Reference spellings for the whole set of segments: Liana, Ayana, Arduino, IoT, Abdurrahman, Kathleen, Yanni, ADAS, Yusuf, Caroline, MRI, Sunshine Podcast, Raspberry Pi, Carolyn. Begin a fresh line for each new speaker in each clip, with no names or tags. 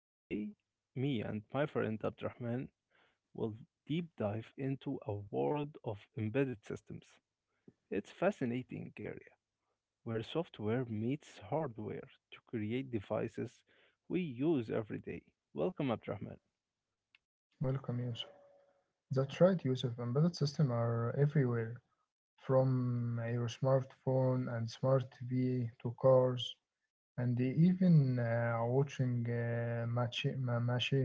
Today, me and my friend Abdurrahman will deep dive into a world of embedded systems. It's fascinating area where software meets hardware to create devices we use every day. Welcome, Abdurrahman.
Welcome, Yusuf. That's right, Yusuf. Embedded systems are everywhere, from your smartphone and smart TV to cars, and even watching machine.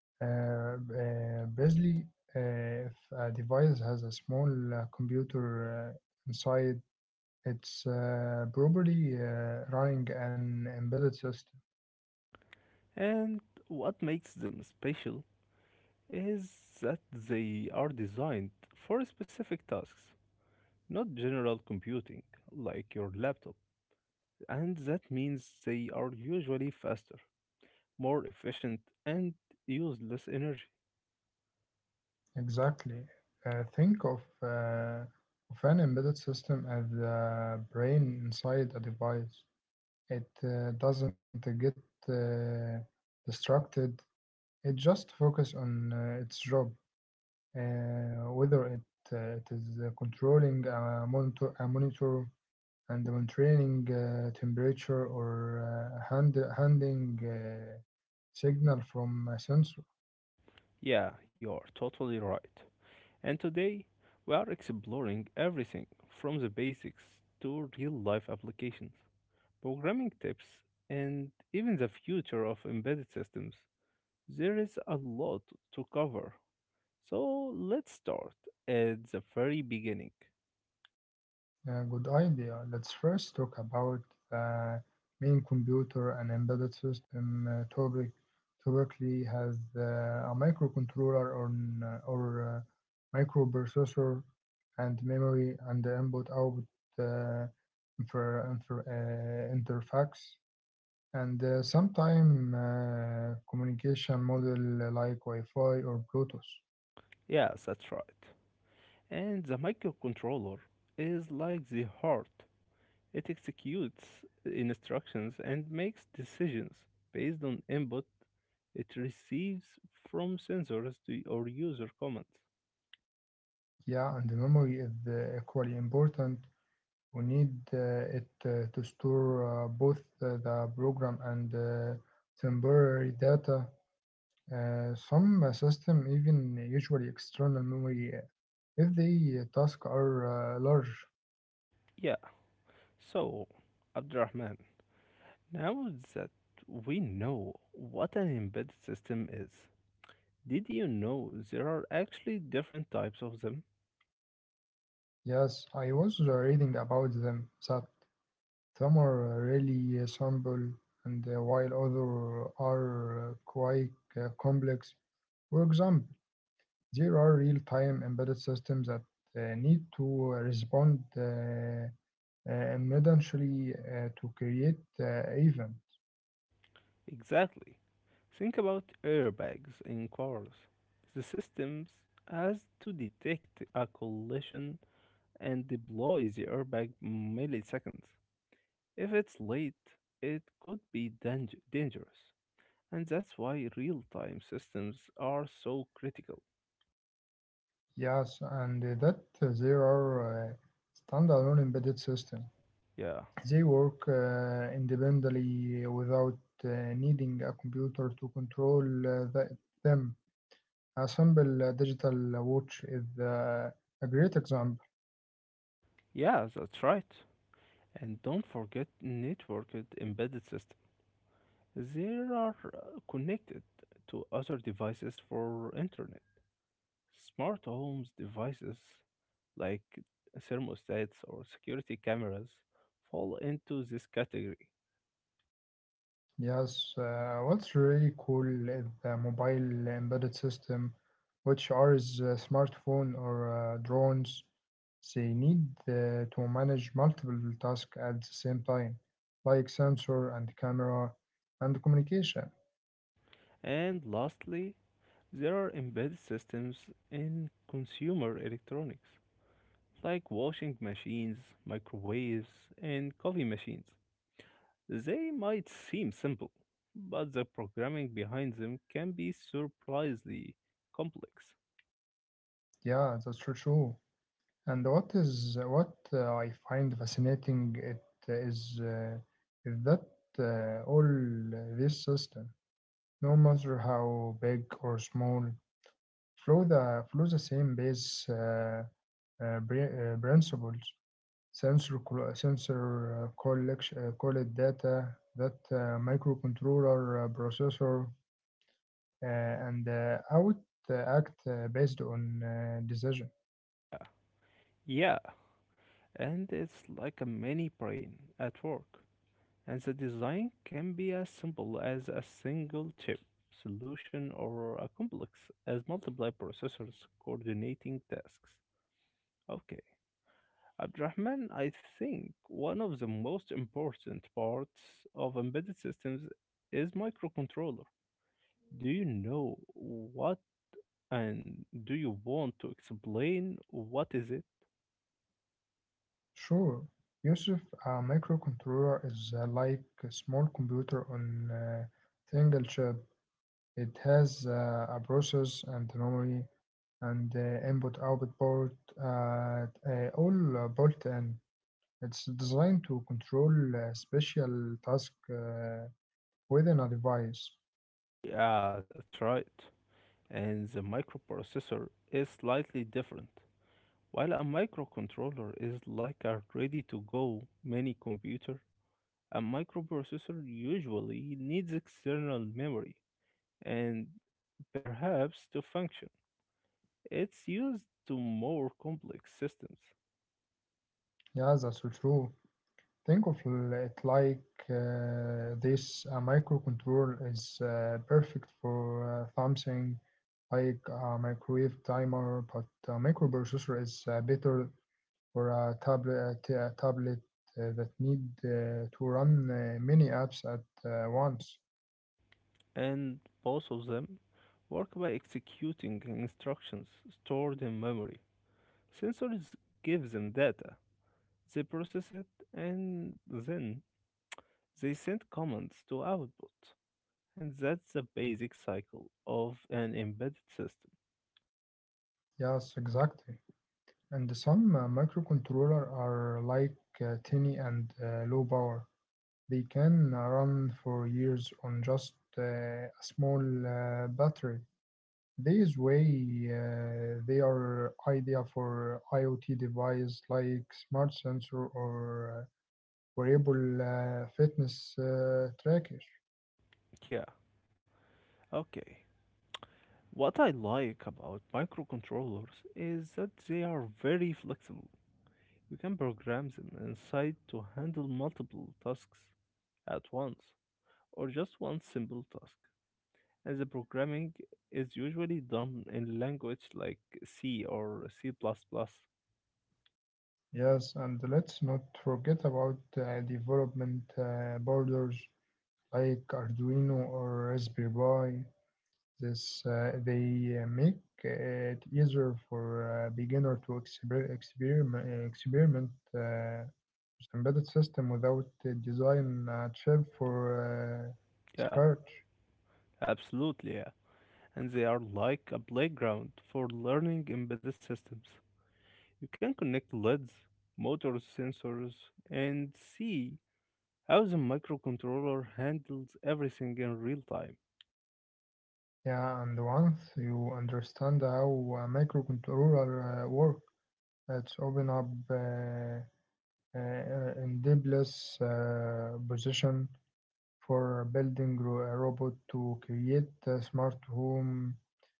Basically, uh, if a device has a small computer inside, it's probably running an embedded system.
And what makes them special is that they are designed for specific tasks, not general computing like your laptop. And that means they are usually faster, more efficient, and use less energy.
Exactly. Think of an embedded system as the brain inside a device. It doesn't get uh, distracted. It just focuses on its job, whether it is controlling a monitor and monitoring temperature or handing signal from a sensor.
Yeah, you are totally right. And today, we are exploring everything from the basics to real life applications, programming tips, and even the future of embedded systems. There is a lot to cover. So let's start at the very beginning.
Yeah, good idea. Let's first talk about the main computer and embedded system topic. Typically has a microcontroller or microprocessor and memory and the input output uh, interface and sometime communication model like Wi-Fi or Bluetooth.
Yeah, that's right. And the microcontroller is like the heart. It executes instructions and makes decisions based on input it receives from sensors to or user comments.
Yeah, and the memory is equally important. We need it to store both the program and temporary data. Some system even usually external memory if the tasks are large.
Yeah, so Abdurrahman, now that we know what an embedded system is, did you know there are actually different types of them?
Yes, I was reading about them, that some are really simple and while others are quite complex. For example, there are real-time embedded systems that need to respond immediately to create event.
Exactly. Think about airbags in cars. The systems has to detect a collision and deploy the airbag milliseconds. If it's late, it could be dangerous. And that's why real time systems are so critical.
Yes, and that there are standalone embedded system.
Yeah.
They work independently without uh, needing a computer to control them. A simple digital watch is a great example.
Yeah, that's right. And don't forget networked embedded systems. They are connected to other devices for internet. Smart homes devices like thermostats or security cameras fall into this category.
Yes, what's really cool is the mobile embedded system, which are is smartphone or drones. They need to manage multiple tasks at the same time, like sensor and camera and communication.
And lastly, there are embedded systems in consumer electronics like washing machines, microwaves, and coffee machines. They might seem simple, but the programming behind them can be surprisingly complex.
Yeah, that's true. And what I find fascinating it is uh, is that all this system, no matter how big or small, flow the same base principles. Sensor collection collect data that microcontroller processor and out act based on decision.
Yeah, and it's like a mini brain at work. And the design can be as simple as a single chip solution or a complex as multiple processors coordinating tasks. Okay. Abdurrahman, I think one of the most important parts of embedded systems is microcontroller. Do you know what and do you want to explain what is it?
Sure, Yusuf, a microcontroller is like a small computer on a single chip. It has a process and memory and input output port at all built in. It's designed to control special task within a device.
Yeah, that's right. And the microprocessor is slightly different. While a microcontroller is like a ready-to-go mini computer, a microprocessor usually needs external memory and perhaps to function. It's used to more complex systems,
Yeah, that's so true. Think of it like this: a microcontroller is perfect for something like a microwave timer, but a microprocessor is better for a tablet that need to run many apps at once.
and both of them work by executing instructions stored in memory. Sensors give them data, they process it, and then they send commands to output. And that's the basic cycle of an embedded system.
Yes, exactly. And some microcontroller are like tiny and low power. They can run for years on just a small battery. These way they are idea for IoT device like smart sensor or wearable fitness tracker.
Yeah, okay. What I like about microcontrollers is that they are very flexible. You can program them inside to handle multiple tasks at once, or just one simple task. And the programming is usually done in language like C or C. plus plus.
Yes, and let's not forget about development borders, like Arduino or Raspberry Pi. This They make it easier for a beginner to experiment with embedded system without design a chip for uh,
Yeah,
scratch.
absolutely, yeah. And they are like a playground for learning embedded systems. You can connect LEDs, motors, sensors, and see how the microcontroller handles everything in real time.
Yeah, and once you understand how a microcontroller works, it's open up in endless position for building a robot to create a smart home,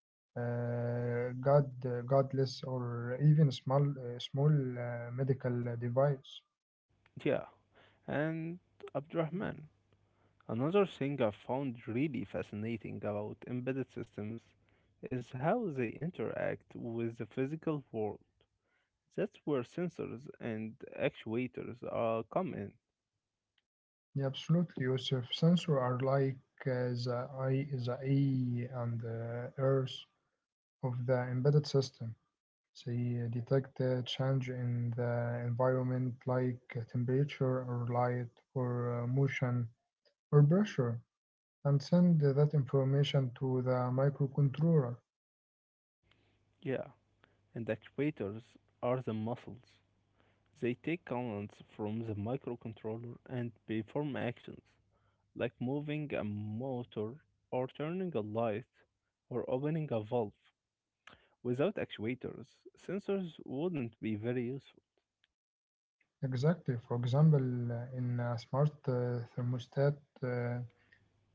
god, godless, or even small medical device.
Yeah, and Abdurrahman, another thing I found really fascinating about embedded systems is how they interact with the physical world. That's where sensors and actuators come in.
Yeah, absolutely, Yusuf. Sensors are like the eye and the ears of the embedded system. They detect a change in the environment like temperature or light or motion or pressure, and send that information to the microcontroller.
Yeah, and actuators are the muscles. They take commands from the microcontroller and perform actions, like moving a motor or turning a light or opening a valve. Without actuators, sensors wouldn't be very useful.
Exactly. For example, in a smart thermostat, uh,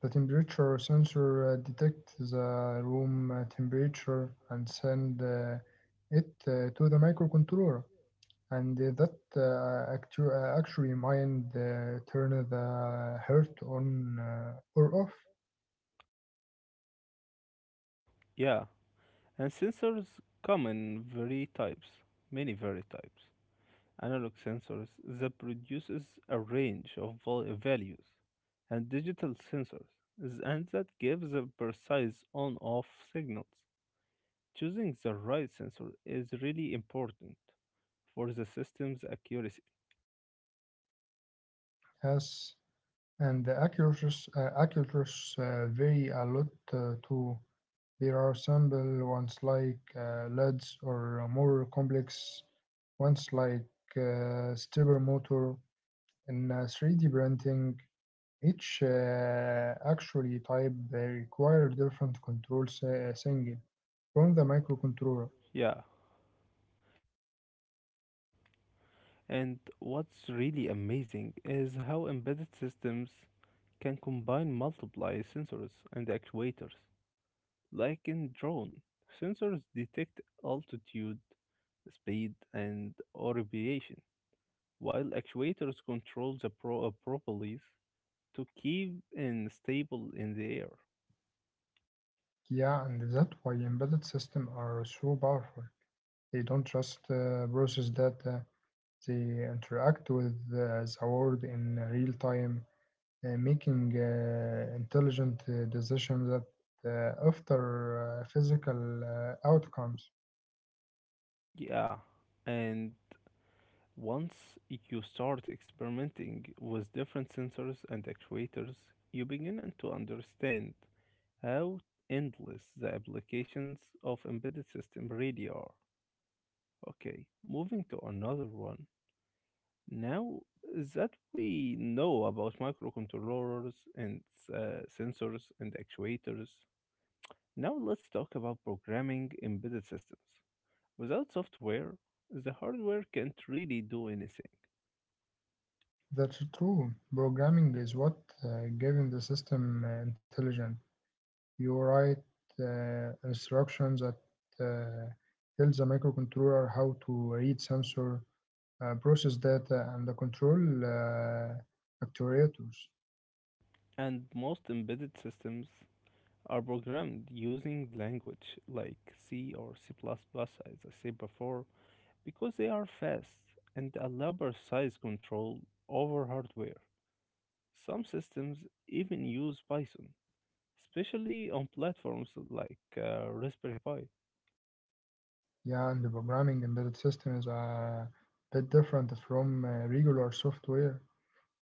the temperature sensor detects the room temperature and send it to the microcontroller, and that actually mind turn the heart on or off.
Yeah, and sensors come in very types, many very types. Analog sensors that produces a range of values, and digital sensors, and that gives a precise on-off signals. Choosing the right sensor is really important for the system's accuracy.
Yes, and the accuracy vary a lot too. There are simple ones like LEDs or more complex ones like stepper motor in 3D printing. Each actually type they require different signal from the microcontroller.
Yeah, and what's really amazing is how embedded systems can combine multiple sensors and actuators. Like in drone, sensors detect altitude, speed, and orbitation, while actuators control the propellees to keep in stable in the air.
Yeah, and that's why embedded systems are so powerful. They don't just process data, they interact with the world in real time, making intelligent decisions that after physical outcomes.
Yeah, and once you start experimenting with different sensors and actuators, you begin to understand how endless the applications of embedded system really are. Okay, moving to another one. Now that we know about microcontrollers and sensors and actuators, now let's talk about programming embedded systems. Without software, the hardware can't really do anything.
That's true. Programming is what giving the system intelligence. You write instructions that uh, tells the microcontroller how to read sensor, process data, and the control actuators.
And most embedded systems are programmed using language like C or C, plus plus, as I said before, because they are fast and allow precise control over hardware. Some systems even use Python, especially on platforms like Raspberry Pi.
Yeah, and the programming embedded system is a bit different from regular software.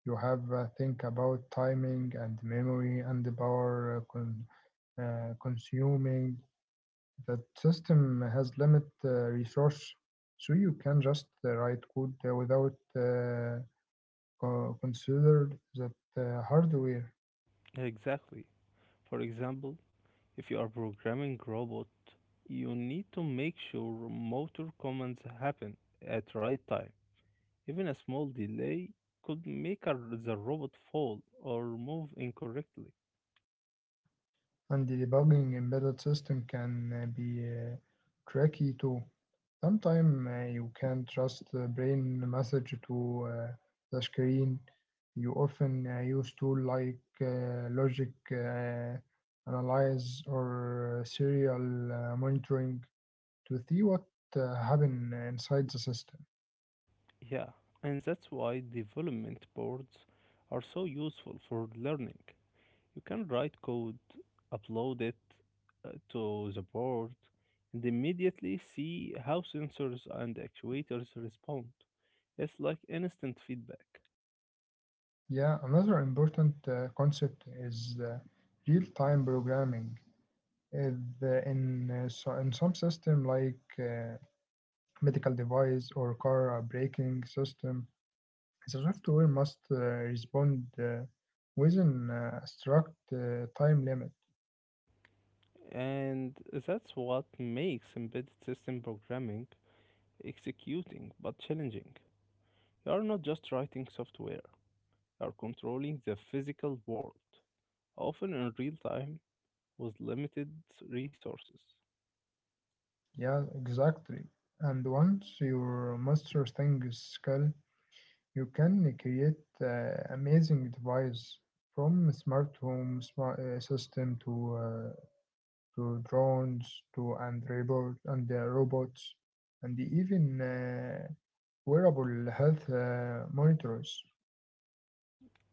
You have think about timing and memory and the power uh, con- consuming, that system has limit resource, so you can just write code without consider that hardware.
Exactly. For example, if you are programming robot, you need to make sure motor commands happen at right time. Even a small delay could make the robot fall or move incorrectly.
And debugging embedded system can be tricky too. Sometimes you can trust the brain message to the screen. You often use tools like logic analyze or serial monitoring to see what happen inside the system.
Yeah, and that's why development boards are so useful for learning. You can write code, upload it to the board, and immediately see how sensors and actuators respond. It's like instant feedback.
Yeah, another important concept is real-time programming. Is, in so in some system like medical device or car braking system, the software must respond within a strict time limit.
And that's what makes embedded system programming executing but challenging. You are not just writing software, you are controlling the physical world, often in real time with limited resources.
Yeah, exactly. And once you master Sting skill, you can create amazing device from smart home smart system to drones to and robot and robots and even wearable health monitors.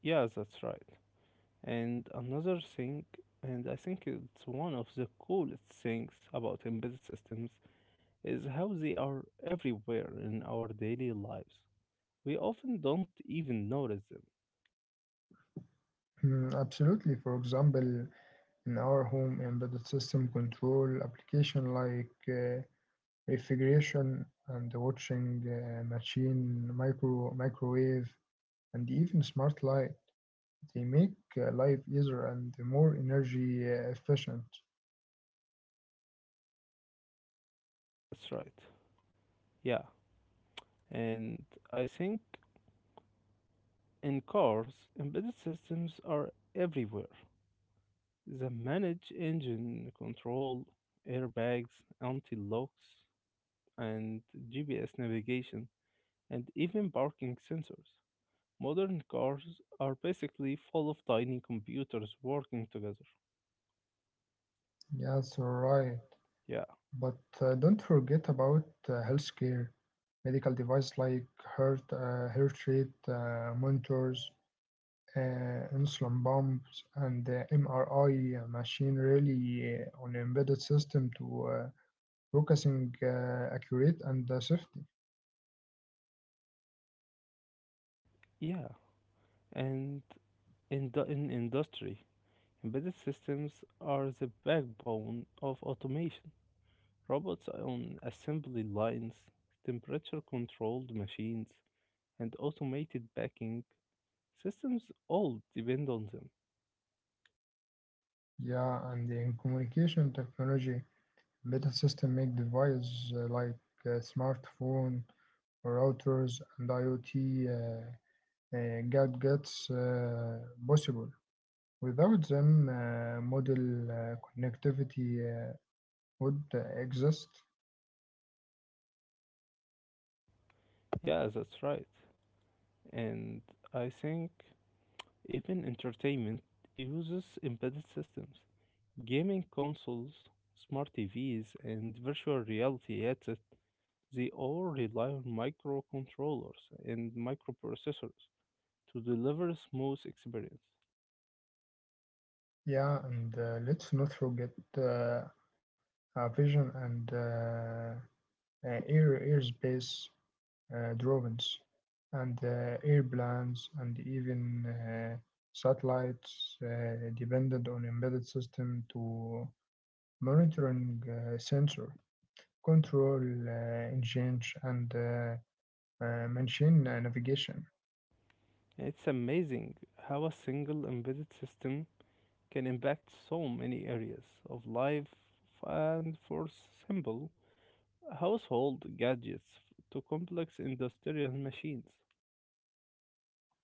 Yeah, that's right. And another thing, and I think it's one of the coolest things about embedded systems, is how they are everywhere in our daily lives. We often don't even notice them.
Mm, absolutely. For example, in our home embedded system control application like refrigeration and the watching machine, microwave, and even smart light. They make life easier and more energy efficient.
That's right. Yeah, and I think in cars, embedded systems are everywhere. The manage engine control, airbags, anti-locks, and GPS navigation, and even parking sensors. Modern cars are basically full of tiny computers working together.
Yes, alright.
Yeah,
But don't forget about healthcare, medical device like heart rate monitors, insulin pumps and the MRI machine really on embedded system to uh, focusing accurate and safety.
yeah. And in industry, embedded systems are the backbone of automation. Robots on assembly lines, temperature-controlled machines, and automated packing systems all depend on them.
Yeah, and in communication technology, embedded system make devices like smartphone, routers, and IoT gadgets possible. Without them, model connectivity would exist.
Yeah, that's right. And I think even entertainment uses embedded systems. Gaming consoles, smart TVs, and virtual reality headsets, they all rely on microcontrollers and microprocessors to deliver a smooth experience.
Yeah, and let's not forget vision and airspace drones and airplanes and even satellites depended on embedded system to monitoring sensor control uh, engines and machine navigation.
It's amazing how a single embedded system can impact so many areas of life and for simple household gadgets to complex industrial machines.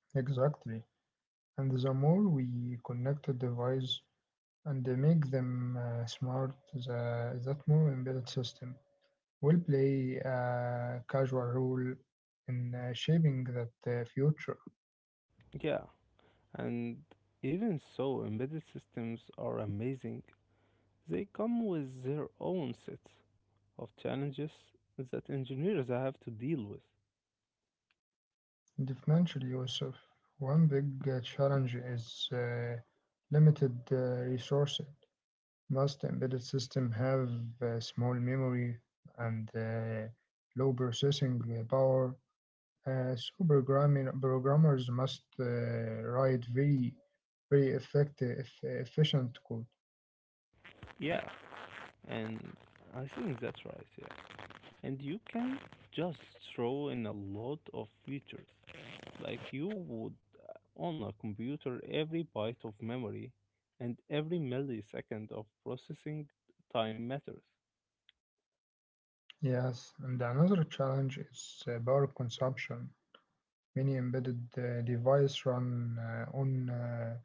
Exactly, and the more we connect the device and make them smart, that more embedded system will play a casual role in shaping that future.
Yeah, and even so, embedded systems are amazing. They come with their own sets of challenges that engineers have to deal with.
Definitely, Yusuf. One big challenge is limited resources. Most embedded systems have small memory and low processing power. So programming programmers must write very, very effective, efficient code.
Yeah, and I think that's right, yeah. And you can just throw in a lot of features like you would on a computer every byte of memory and every millisecond of processing time matters.
Yes, and another challenge is power consumption. Many embedded devices run on uh,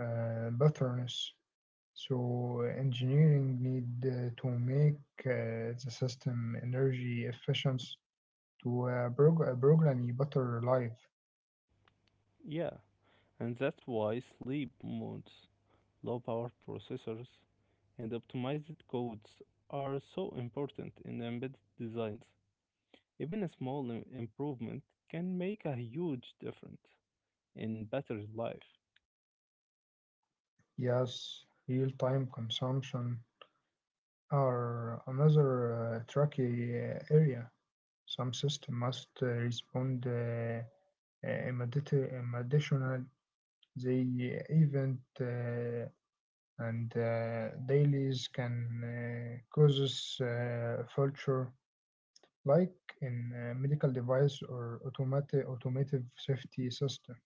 uh, batteries, so engineering need to make the system energy efficient to program a better life.
Yeah, and that's why sleep modes, low power processors, and optimized codes are so important in embedded designs. Even a small improvement can make a huge difference in battery life.
Yes, real-time consumption are another tricky area. Some system must respond immediately, additional the event. And dailies can causes failure, like in medical device or automatic automotive safety system.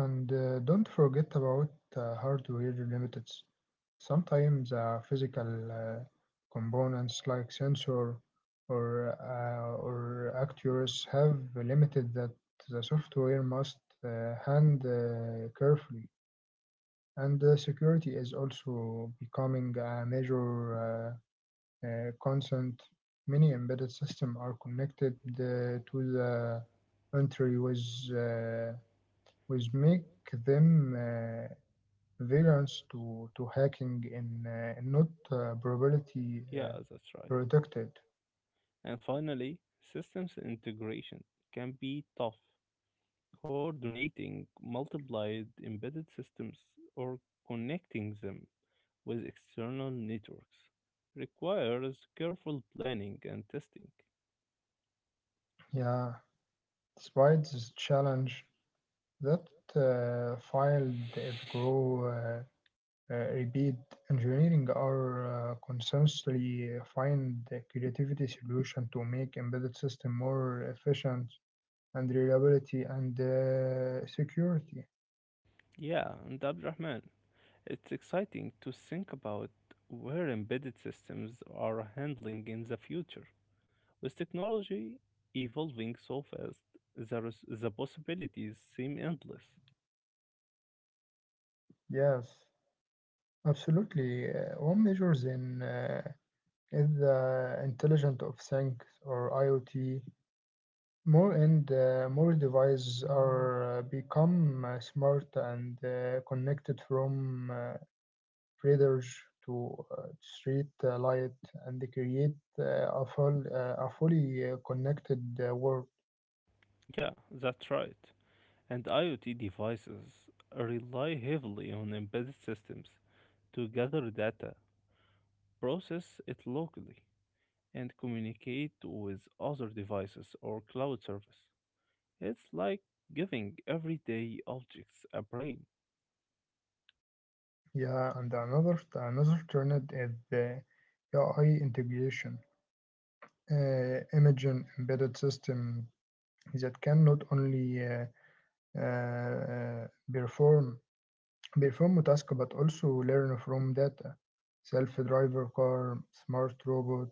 And don't forget about hardware limits. Sometimes physical uh, components like sensor or actuators have limited, that the software must hand carefully. And security is also becoming a major concern. Many embedded systems are connected to the entry uh, with make them variants to hacking and not probability
Yeah, that's right.
protected.
And finally, systems integration can be tough coordinating multiplied embedded systems or connecting them with external networks requires careful planning and testing.
Yeah, despite this challenge, that field it grow. Repeat Engineering are constantly find the creativity solution to make embedded system more efficient and reliability and security.
Yeah, and Abdurrahman, it's exciting to think about where embedded systems are handling in the future. With technology evolving so fast, there is, the possibilities seem endless.
Yes, absolutely. One measures in is the intelligent of things, or IoT. More and more devices are become smart and connected, from predators to street light, and create a fully connected world.
Yeah, that's right. And IoT devices rely heavily on embedded systems to gather data, process it locally, and communicate with other devices or cloud service. It's like giving everyday objects a brain.
Yeah, and another trend is the AI integration. Imaging embedded system that can not only uh, uh, perform perform a task but also learn from data. Self-driver car, smart robot,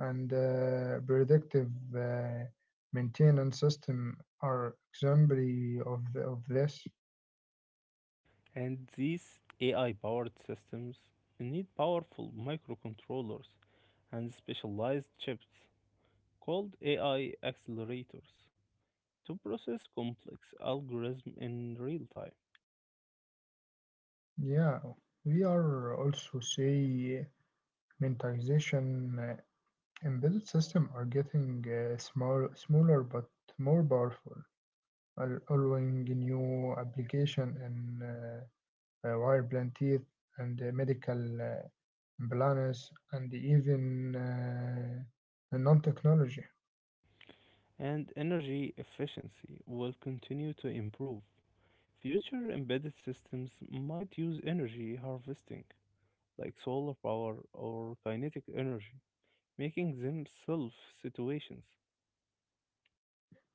and predictive uh, maintenance system are exemplary of this.
And these AI powered systems need powerful microcontrollers and specialized chips called AI accelerators to process complex algorithms in real time,
Yeah, we are also see monetization embedded system are getting smaller but more powerful, allowing new application in wire plant teeth and medical uh, implants and even non-technology.
and energy efficiency will continue to improve. Future embedded systems might use energy harvesting, like solar power or kinetic energy, making them self situations.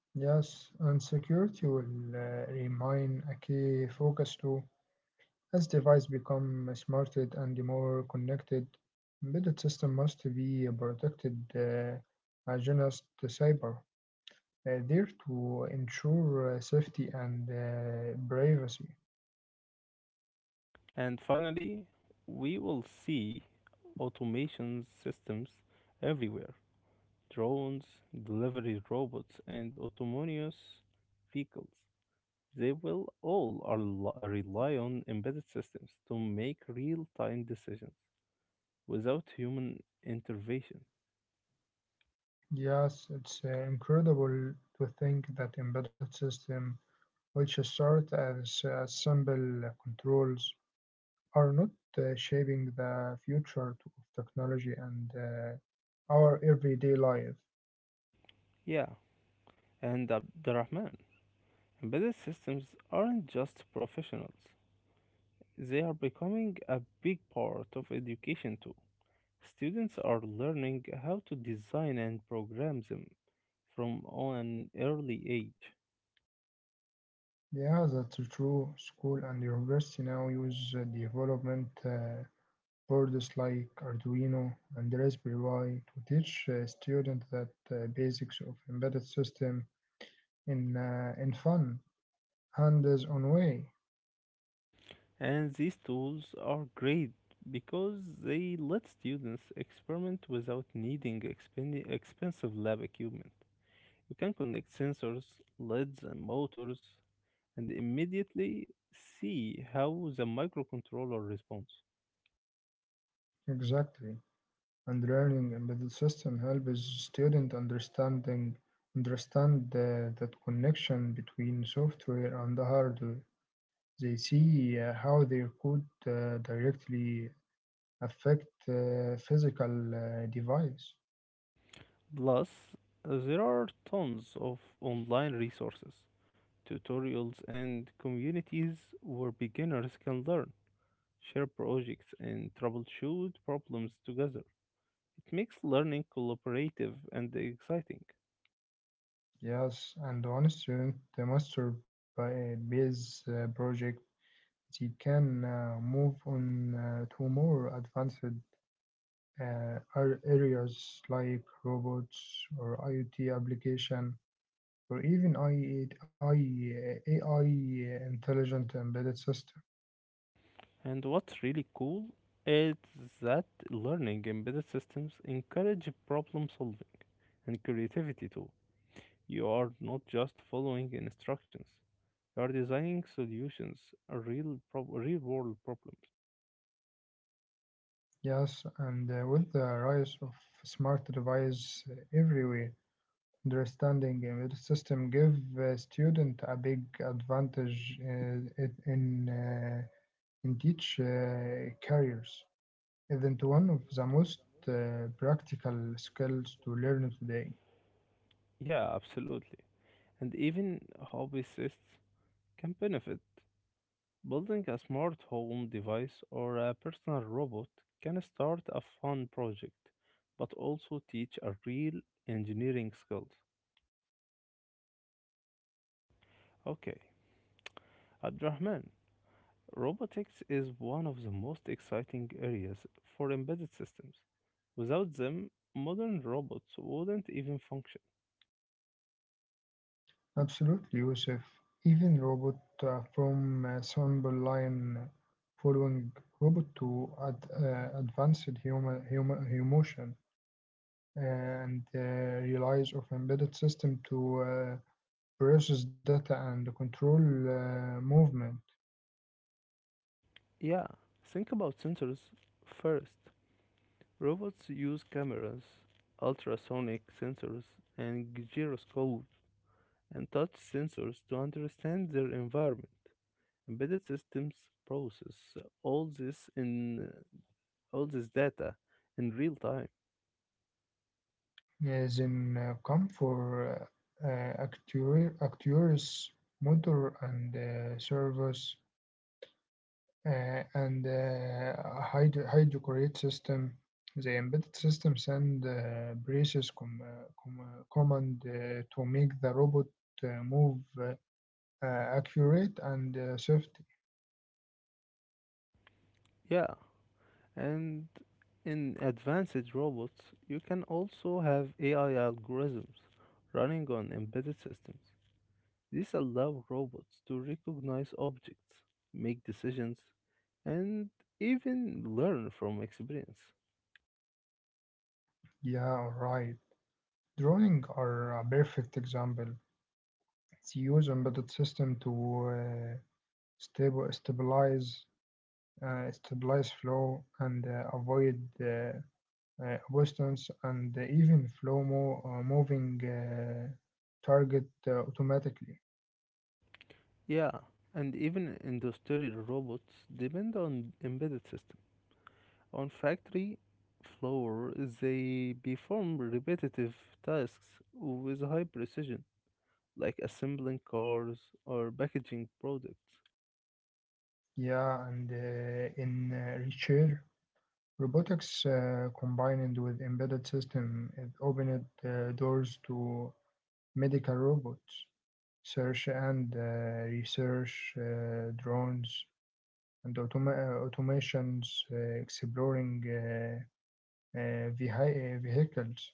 Yes, and security will remain a key focus too. As devices become smarter and more connected, embedded system must be protected against the cyber, there, to ensure safety and privacy.
And finally, we will see automation systems everywhere drones, delivery robots, and autonomous vehicles. They will all are rely on embedded systems to make real-time decisions without human intervention.
Yes, it's incredible to think that embedded system, which start as simple controls are not shaping the future of technology and our everyday life.
Yeah, and Abdurrahman, embedded systems aren't just professionals. They are becoming a big part of education too. Students are learning how to design and program them from an early age.
Yeah, that's true. School and university now use development boards like Arduino and Raspberry Pi to teach students that basics of embedded system in fun, hands-on way.
And these tools are great because they let students experiment without needing expensive lab equipment. You can connect sensors, LEDs, and motors and immediately see how the microcontroller responds.
Exactly. And learning embedded system helps student understand that connection between software and hardware. They see how their code directly affect physical device.
Plus, there are tons of online resources, tutorials, and communities where beginners can learn, share projects, and troubleshoot problems together. It makes learning collaborative and exciting.
Yes, and one student master by base project, they can move on to more advanced uh, areas like robots or IoT application or even AI intelligent embedded system.
And what's really cool is that learning embedded systems encourage problem solving and creativity too. You are not just following instructions, you are designing solutions, real, real world problems.
Yes, and with the rise of smart devices everywhere, understanding embedded system give student a big advantage in teach careers. Isn't one of the most practical skills to learn today.
Yeah, absolutely. And even hobbyists can benefit. Building a smart home device or a personal robot can start a fun project, but also teach a real engineering skills. Okay, Abdurrahman, robotics is one of the most exciting areas for embedded systems. Without them, modern robots wouldn't even function.
Absolutely, Yusuf. Even robot from sample line following robot to advanced human emotion and relies of embedded system to process data and control movement.
Yeah, think about sensors first. Robots use cameras, ultrasonic sensors, and gyroscopes and touch sensors to understand their environment. Embedded systems process all this in all this data in real time.
As in come for actuaries, motor and servers and hydrochloric system. The embedded system send braces command to make the robot move accurate and safety.
Yeah, and in advanced robots, you can also have AI algorithms running on embedded systems. These allow robots to recognize objects, make decisions, and even learn from experience.
Yeah, right. Drawing are a perfect example. They use embedded system to uh, stable stabilize stabilize flow and avoid Boston's and even moving target automatically.
Yeah, and even industrial robots depend on embedded system. On factory floor, they perform repetitive tasks with high precision, like assembling cars or packaging products.
Yeah, and in Reacher, robotics combined with embedded system, it opened doors to medical robots, search and research drones, and automations uh, exploring vehicles.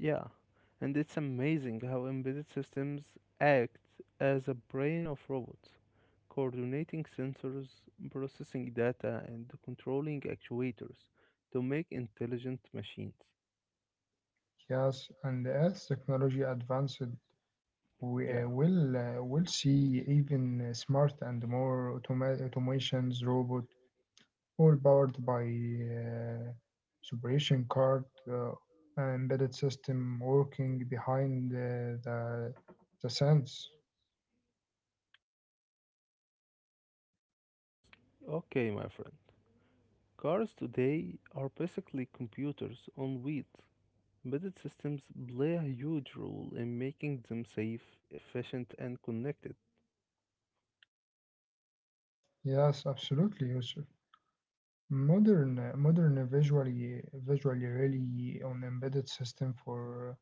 Yeah, and it's amazing how embedded systems act as a brain of robots, coordinating sensors, processing data, and controlling actuators to make intelligent machines.
Yes, and as technology advanced, we
Yeah.
will see even smart and more automations robot, all powered by separation card uh, embedded system working behind the sense.
Okay, my friend. Cars today are basically computers on wheels. Embedded systems play a huge role in making them safe, efficient, and connected.
Yes, absolutely, Yusuf. Modern visually really on embedded system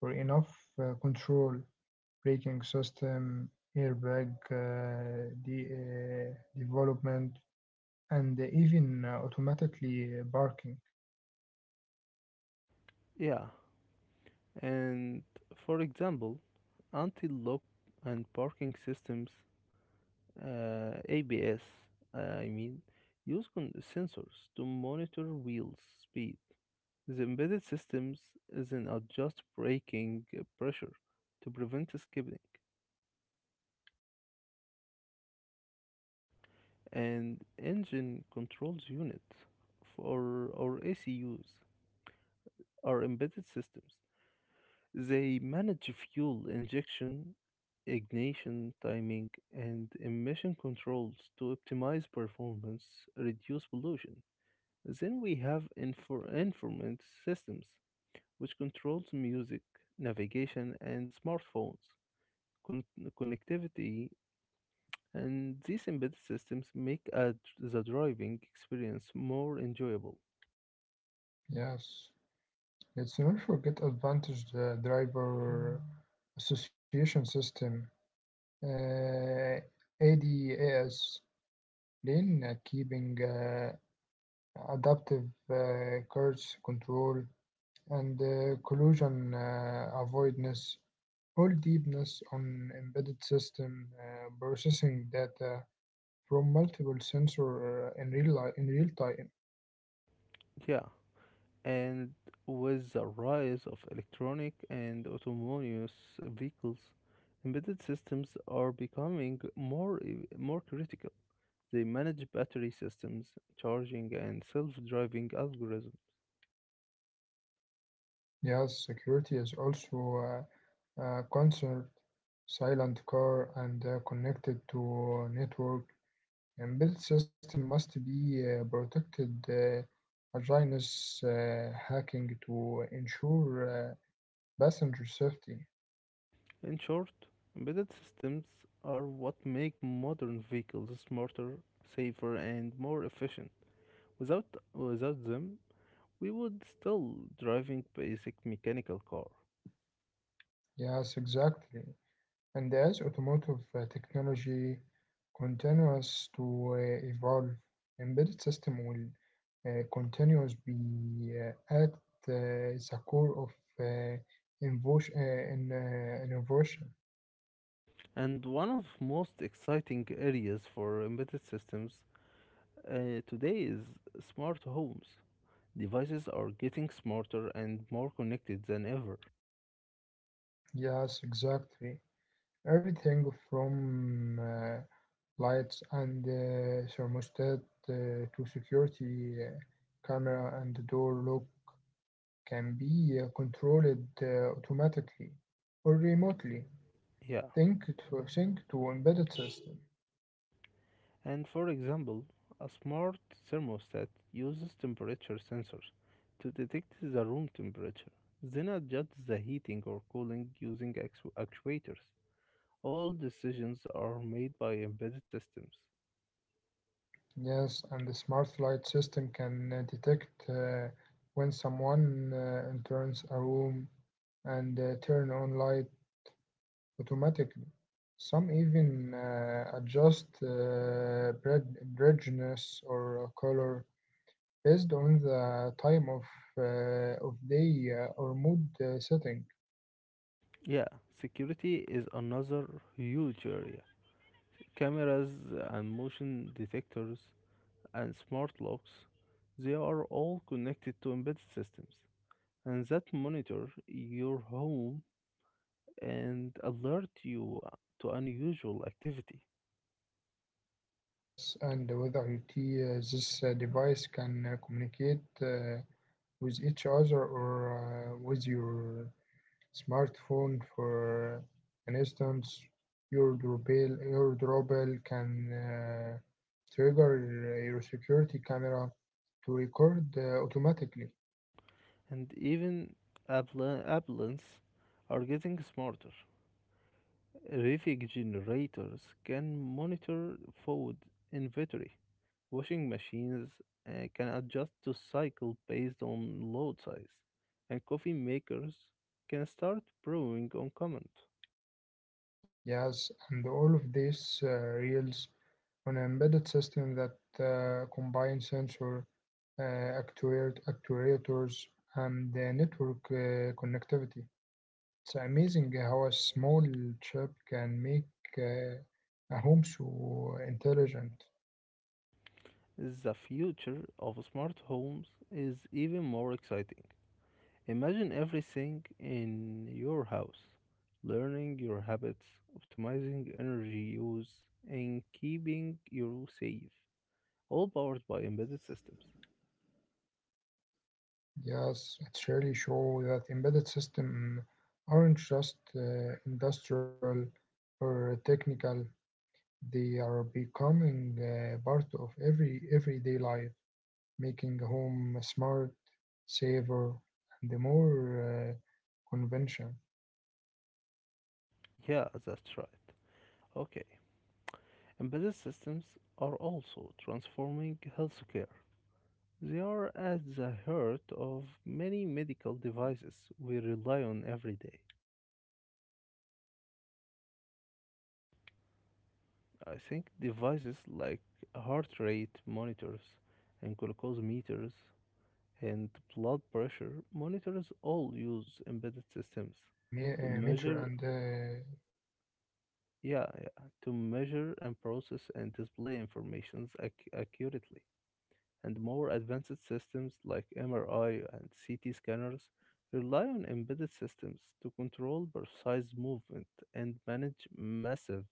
for enough control braking system airbag the development and even automatically barking.
Yeah, and for example, anti lock and parking systems, ABS, uh, I mean, use sensors to monitor wheels speed. The embedded systems then adjust braking pressure to prevent skidding,
Yes, and engine control unit.
and engine controls units for or ACUs are embedded systems. They manage fuel injection, ignition timing, and emission controls to optimize performance, reduce pollution. Then we have informant systems, which controls music, navigation, and smartphones. Con- Connectivity and these embedded systems make the driving experience more enjoyable.
Yes, let's not forget advantage the driver association system. Uh, ADAS lane keeping adaptive curves control and collision avoidance all deepness on embedded system processing data from multiple sensor in real time.
Yeah, and with the rise of electronic and autonomous vehicles, embedded systems are becoming more critical. They manage battery systems, charging, and self-driving algorithms.
Yes, security is also concerned. Silent car and connected to network. Embedded system must be protected against hacking to ensure passenger safety.
In short, embedded systems are what make modern vehicles smarter, safer, and more efficient. Without without them, we would still driving basic mechanical car.
Yes, exactly. And as automotive technology continues to evolve, embedded system will continues be at the core of uh, innovation.
And one of most exciting areas for embedded systems today is smart homes. Devices are getting smarter and more connected than ever.
Yes, exactly. Everything from lights and thermostat uh, to security camera and door lock can be controlled automatically or remotely.
Yeah.
Think to sync to embedded system.
And for example, a smart thermostat uses temperature sensors to detect the room temperature, then adjusts the heating or cooling using actuators. All decisions are made by embedded systems.
Yes, and the smart light system can detect when someone enters a room and turn on light automatically. Some even adjust brightness or color based on the time of day or mood setting.
Yeah, security is another huge area. Cameras and motion detectors and smart locks, they are all connected to embedded systems. And that monitor your home and alert you to unusual activity.
Yes, and with IoT, this device can communicate with each other or with your smartphone. For an instance, your doorbell can trigger your security camera to record automatically.
And even ambulance are getting smarter. Traffic generators can monitor food inventory. Washing machines can adjust to cycle based on load size, and coffee makers can start brewing on command.
Yes, and all of this reels on an embedded system that combine sensor, actuators, and the network connectivity. It's amazing how a small chip can make uh, a home so intelligent.
The future of smart homes is even more exciting. Imagine everything in your house, learning your habits, optimizing energy use, and keeping you safe, all powered by embedded systems.
Yes, it really shows that embedded systems aren't just industrial or technical, they are becoming part of everyday life, making home smart, safer, and more convention.
Yeah, that's right. Okay, embedded systems are also transforming healthcare. They are at the heart of many medical devices we rely on every day.
Absolutely, Yusuf.
I think
A
devices
device
like
like heart
heart
rate
rate monitors
monitoring
and glucose meters
uh, glow scale,
and
uh,
blood pressure monitors all use
meter,
embedded
and
systems to measure, yeah, yeah, to measure and process and display information accurately. And more advanced systems like MRI and CT scanners rely on embedded systems to control precise movement and manage massive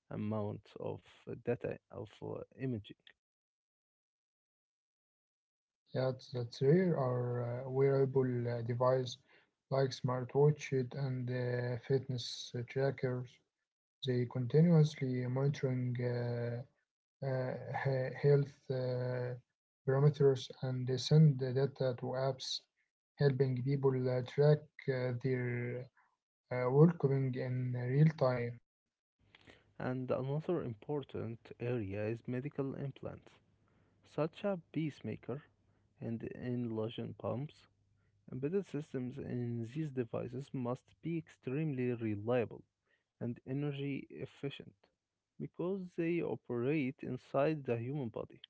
amounts of data of imaging.
yeah, that's rare are wearable device like smartwatches and fitness trackers. They continuously monitoring uh, health parameters and they send the data to apps, helping people track their welcoming in real time.
And another important area is medical implants, such as pacemaker and inhalation pumps. Embedded systems in these devices must be extremely reliable and energy efficient because they operate inside the human body.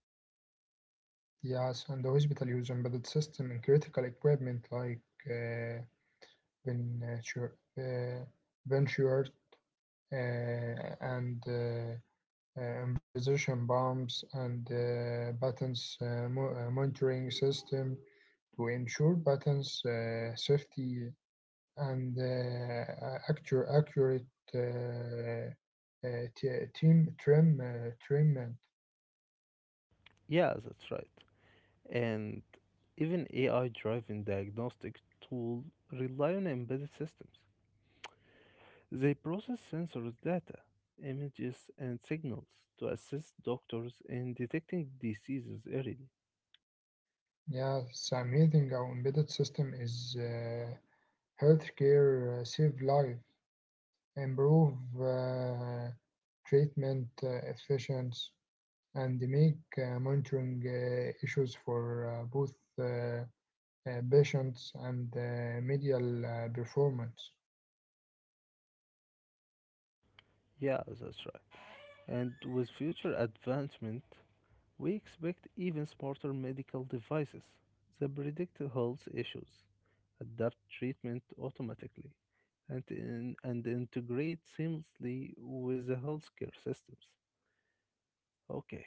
Yes, and the hospital use embedded system in critical equipment like uh, venture, uh, venture and infusion pumps and buttons monitoring system to ensure buttons safety and accurate uh, t- team trim treatment.
Yeah, that's right. And even AI driven diagnostic tools rely on embedded systems. They process sensors data, images, and signals to assist doctors in detecting diseases early.
Yes, amazing how embedded system is. Healthcare save lives, improve uh, treatment efficiency, and make monitoring issues for both uh, patients and medial performance.
Yeah, that's right. And with future advancement we expect even smarter medical devices that predict health issues, adapt treatment automatically, and integrate seamlessly with the healthcare systems. Okay,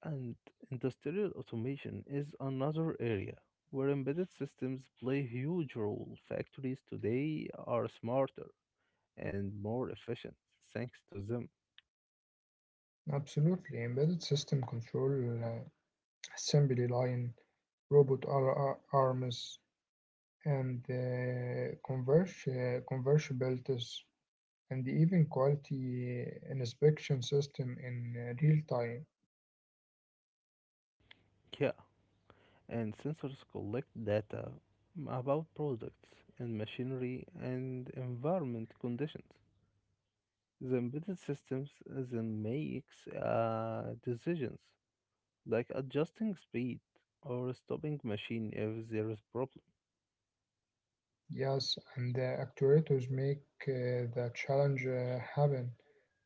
and industrial automation is another area where embedded systems play a huge role. Factories today are smarter and more efficient thanks to them.
Absolutely, embedded system control, assembly line, robot arms, and convertibilities, and even quality inspection system in real time.
Yeah, and sensors collect data about products and machinery and environment conditions. The embedded systems then makes decisions like adjusting speed or stopping machine if there is problem.
Yes, and the actuators make the challenge happen,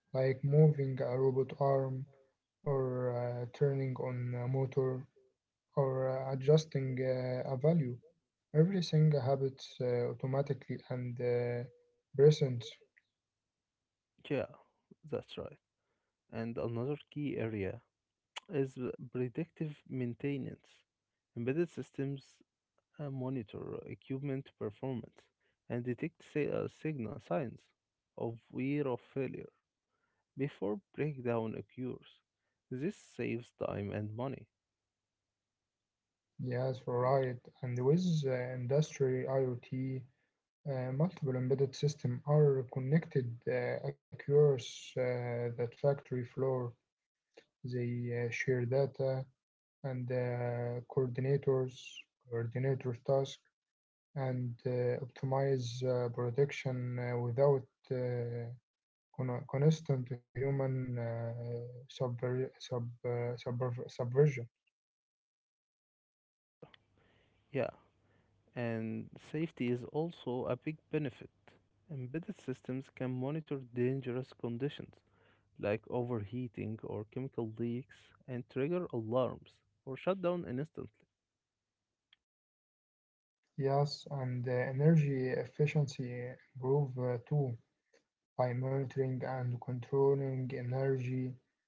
like moving a robot arm, or turning on a motor, or adjusting a value. Everything happens automatically and present.
Yeah, that's right. And another key area is predictive maintenance. Embedded systems monitor equipment performance and detect signal signs of wear or failure before breakdown occurs. This saves time and money.
Yes, right. And with industry IoT, multiple embedded systems are connected across that factory floor. They share data and coordinators task and optimize production without uh, constant human subversion.
Yeah, and safety is also a big benefit. Embedded systems can monitor dangerous conditions like overheating or chemical leaks and trigger alarms or shut down instantly.
Yes, and energy efficiency improve too by monitoring and controlling energy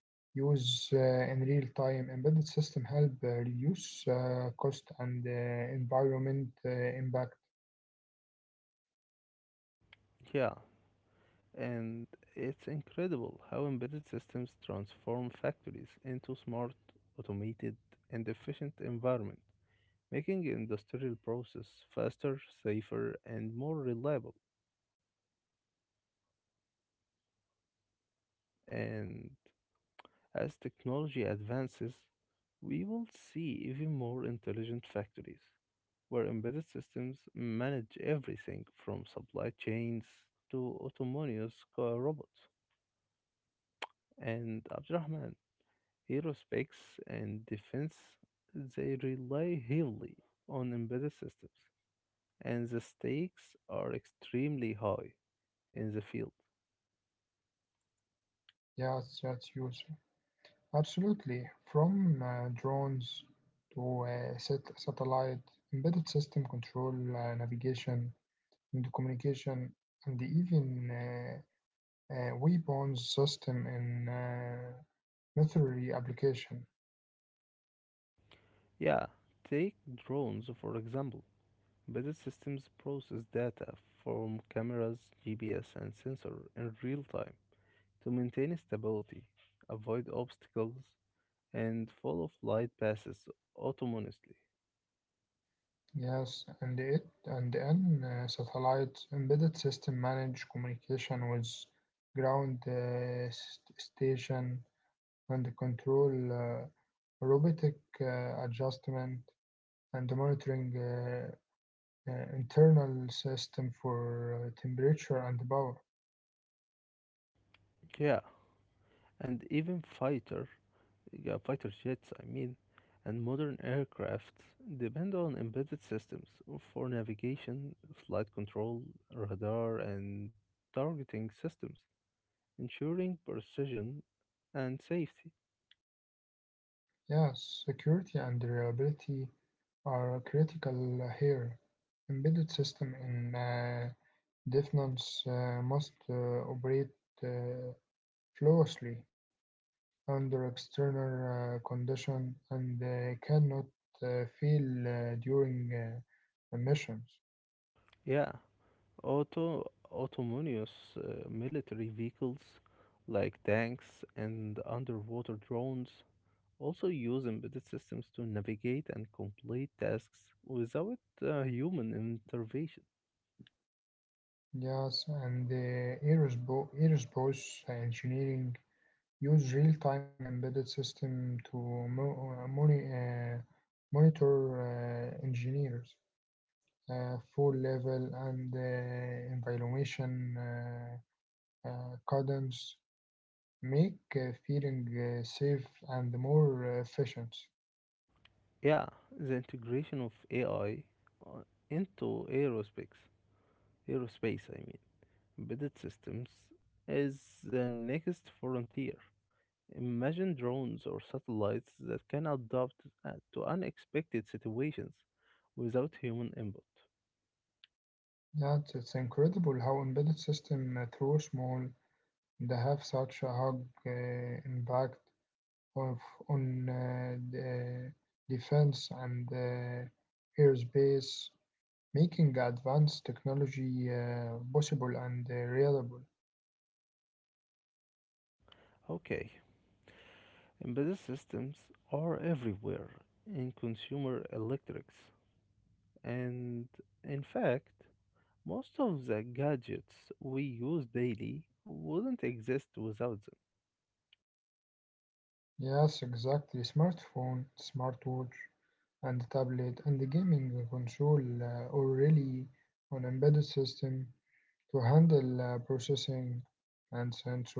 use in real time. Embedded system help reduce cost and environment impact.
Yeah, and it's incredible how embedded systems transform factories into smart, automated, and efficient environment, making industrial process
Yes,
faster, safer,
and
and more reliable. And as technology advances, we will see even more intelligent factories where embedded systems manage everything from supply chains to autonomous car robots. And Abdurrahman, aerospace, and defense, they rely heavily on embedded systems, and the stakes are extremely high in the field.
yes, use absolutely. From drones to satellite, embedded system control, navigation, and communication, and even weapons system in military application.
Yeah, take drones for example. Embedded systems process data from cameras, GPS, and sensor in real time to maintain stability, avoid obstacles, and follow flight paths autonomously.
Yes, and it and then satellite embedded system manage communication with ground station and control robotic adjustment and monitoring internal system for temperature and power.
Yeah, and even fighter jets, I mean, and modern aircraft depend on embedded systems for navigation, flight control, radar and targeting systems, ensuring precision and safety.
Yes, security and reliability are critical here. Embedded system in defense must operate uh, closely under external condition and cannot fail during missions.
Yeah, autonomous military vehicles like tanks and underwater drones also use embedded systems to navigate and complete tasks without human intervention.
Yes, and the aerospace engineering use real-time embedded system to monitor engineers, full level and evaluation cadence, make feeling safe and more efficient.
Yeah, the integration of AI uh, into aerospace, I mean, embedded systems is the next frontier. Imagine drones or satellites that can adapt to unexpected situations without human input.
Yeah, it's incredible how embedded system through small they have such a hug impact of on the defense and airspace, making advanced technology possible and reliable.
Okay, embedded systems are everywhere in consumer electrics, and in fact, most of the gadgets we use daily wouldn't exist without them.
Yes, exactly. Smartphone, smartwatch, and tablet and the gaming console are really on embedded system to handle processing and sensor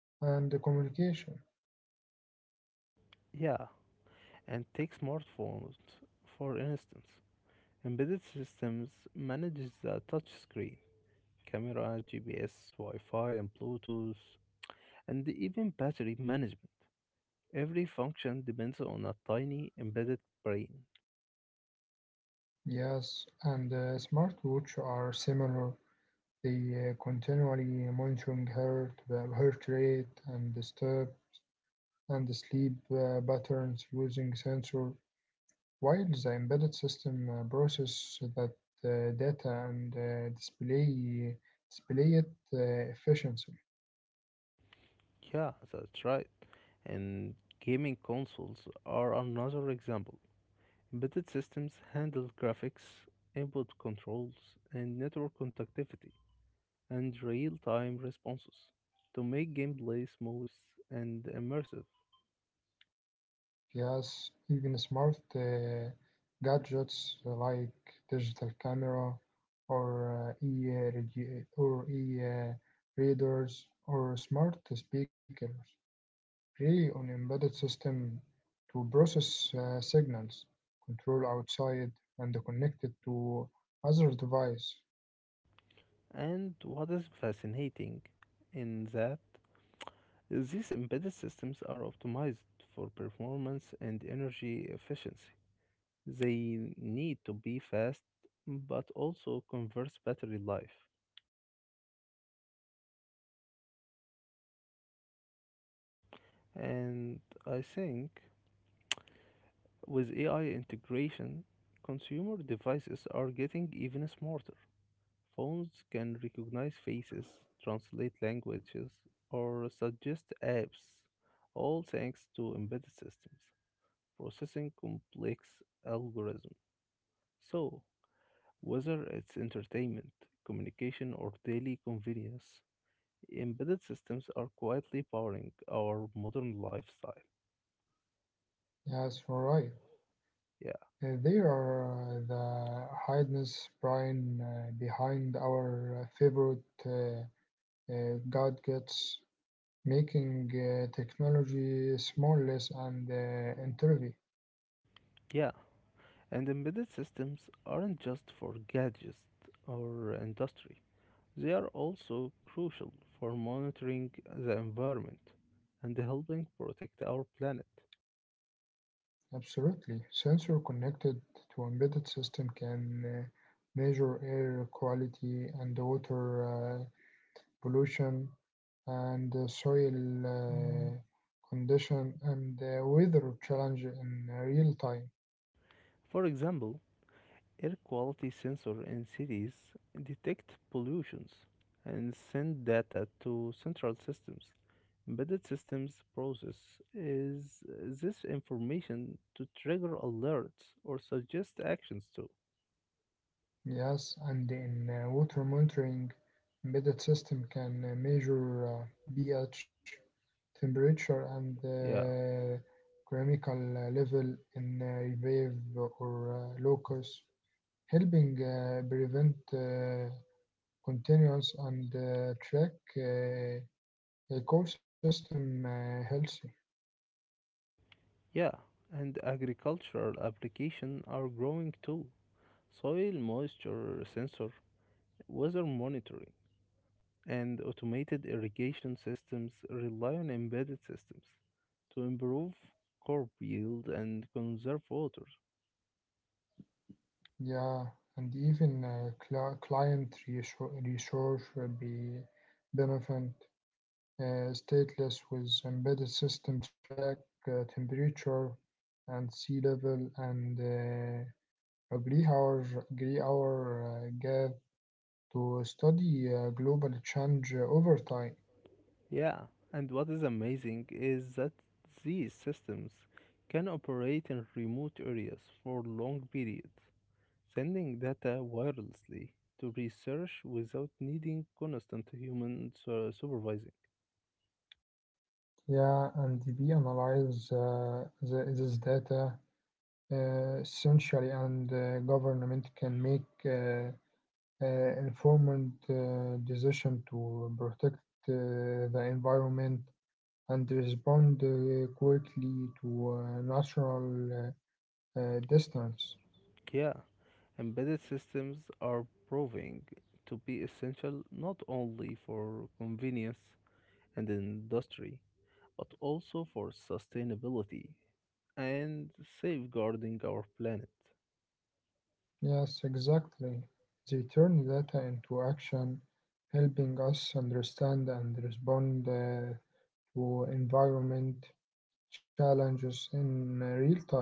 and the communication.
Yeah, and take smartphones, for instance. Embedded systems manages the touch screen, camera, GPS, Wi-Fi, and Bluetooth, and even battery management. Every function depends on a tiny embedded brain.
Yes, and the smartwatch are similar. They continually monitoring heart rate, and the step, and the sleep patterns using sensor. While the embedded system process that data and display it efficiently.
Yeah, that's right. And gaming consoles are another example. Embedded systems handle graphics, input controls, and network connectivity, and real time responses to make gameplay smooth and immersive.
Yes, even smart gadgets like digital camera or e regi- or e readers or smart speakers rely on embedded system to process signals, control outside, and connect it to other device.
And what is fascinating in that is these embedded systems are optimized for performance and energy efficiency. They need to be fast but also conserve battery life. And I think with AI integration, consumer devices are getting even smarter. Phones can recognize faces, translate languages, or suggest apps, all thanks to embedded systems processing complex algorithms. So, whether it's entertainment, communication, or daily convenience, embedded systems are quietly powering our modern lifestyle.
Yes, right.
Yeah.
They are the hidden brain behind our favorite God gets making technology smartless and intuitive.
Yeah. And embedded systems aren't just for gadgets or industry, they are also crucial for monitoring the environment and helping protect our planet.
Absolutely. Sensor connected to embedded system can measure air quality and water pollution and soil uh, condition and weather challenge in real time.
For example, air quality sensors in cities detect pollutions and send data to central systems. Embedded systems process is this information to trigger alerts or suggest actions to.
Yes, and in water monitoring, embedded system can measure pH, temperature, and
Yeah.
chemical level in revive or locus, helping prevent continuous and track uh, ecosystem healthy.
Yeah, and agricultural applications are growing too. Soil moisture sensor, weather monitoring, and automated irrigation systems rely on embedded systems to improve crop yield and conserve water.
Yeah, and even resource will be benefit stateless with embedded system track temperature and sea level and agree our agree our gap to study global change over time.
Yeah, and what is amazing is that these systems can operate in remote areas for long periods sending data wirelessly to research without needing constant human supervising.
Yeah, and we analyze this data essentially, and government can make informed decision to protect the environment and respond quickly to natural distance.
Yeah, embedded systems are proving to be essential not only for convenience and industry, but also for sustainability and safeguarding our planet.
Yes, exactly. They turn data into action, helping us understand and respond to environment challenges in real time.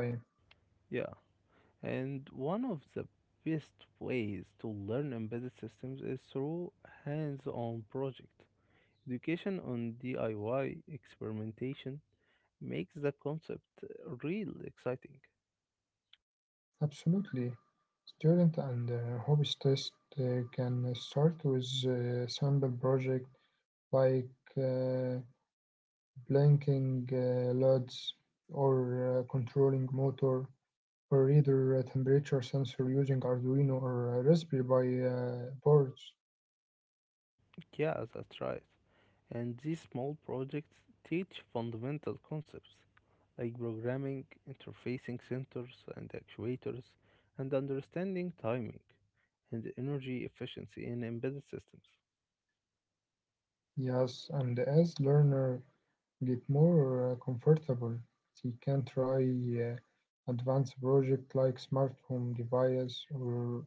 Yeah, and one of the best ways to learn embedded systems is through hands-on project education on DIY experimentation makes the concept real exciting.
Absolutely. Student and hobbyists can start with a sample project like uh, blinking LEDs or controlling motor or either a temperature sensor using Arduino or Raspberry Pi boards.
Yeah, that's right. And these small projects teach fundamental concepts like programming, interfacing sensors and actuators, and understanding timing and energy efficiency in embedded systems.
Yes, and as learner get more comfortable, she can try advanced project like smart home device or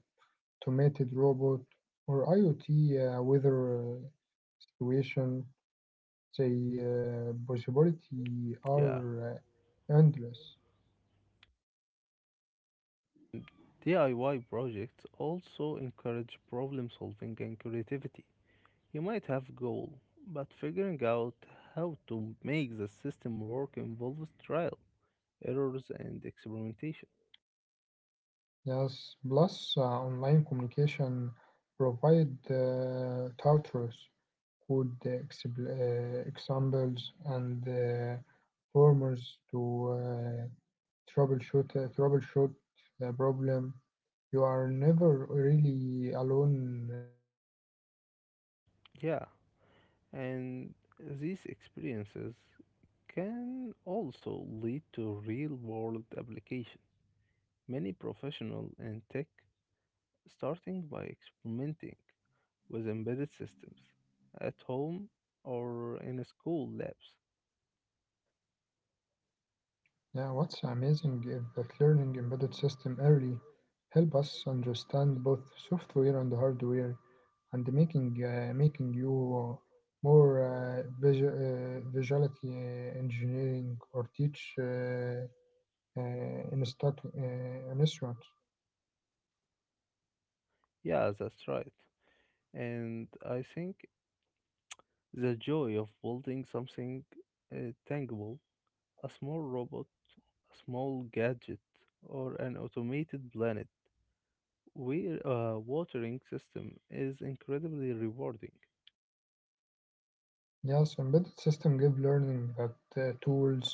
automated robot or IoT weather situation. The possibility
Yeah,
are endless.
DIY projects also encourage problem solving and creativity. You might have goal, but figuring out how to make the system work involves trial, errors, and experimentation.
Yes, plus online communication provide tutors, good examples, and formers to uh, troubleshoot the problem. You are never really alone when learning embedded system.
Yeah, and these experiences can also lead to real-world application. Many professionals in tech starting by experimenting with embedded systems at home or in school labs.
Yeah, what's amazing is that learning embedded system early help us understand both software and hardware and making you more visuality engineering or teach instruct an instrument.
Yeah, that's right. And I think the joy of building something tangible, a small robot, a small gadget, or an automated planet, where a watering system is incredibly rewarding.
Yes, embedded system give learning that tools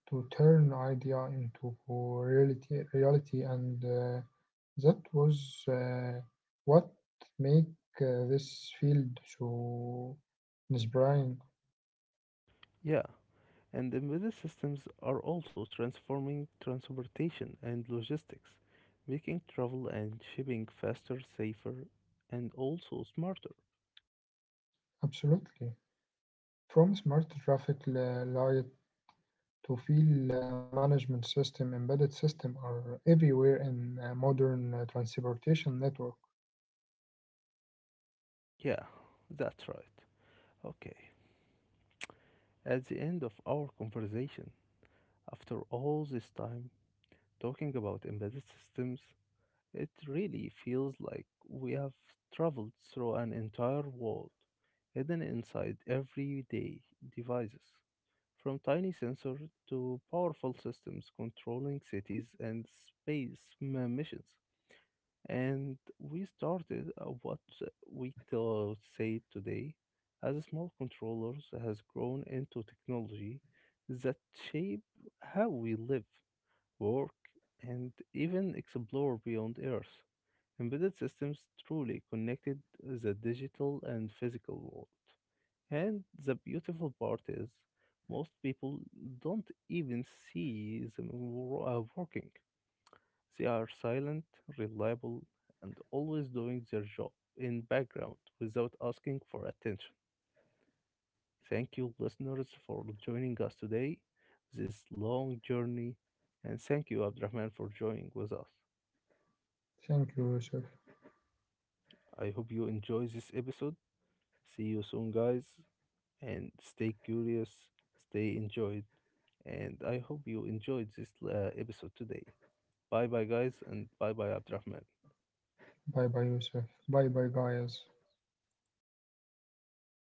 to turn idea into reality, and that was what make this field so inspiring.
Yeah, and embedded systems are also transforming transportation and logistics, making travel and shipping faster, safer, and also smarter.
Absolutely, from smart traffic light to feel management system, embedded system are everywhere in modern transportation network.
Yeah, that's right. Okay, at the end of our conversation, after all this time, talking about embedded systems, it really feels like we have traveled through an entire world hidden inside everyday devices, from tiny sensors to powerful systems controlling cities and space missions. And we started what we to say today as small controllers has grown into technology that shape how we live, work, and even explore beyond Earth. Embedded systems truly connected the digital and physical world. And the beautiful part is, most people don't even see them working. They are silent, reliable, and always doing their job in background without asking for attention. Thank you, listeners, for joining us today, this long journey, and thank you, Abdurrahman, for joining with us.
Thank you, Yusuf.
I hope you enjoy this episode. See you soon, guys, and stay curious, stay enjoyed, and I hope you enjoyed this episode today. Bye bye, guys, and bye bye, Abdurrahman.
Bye bye, Yusuf. Bye bye, guys.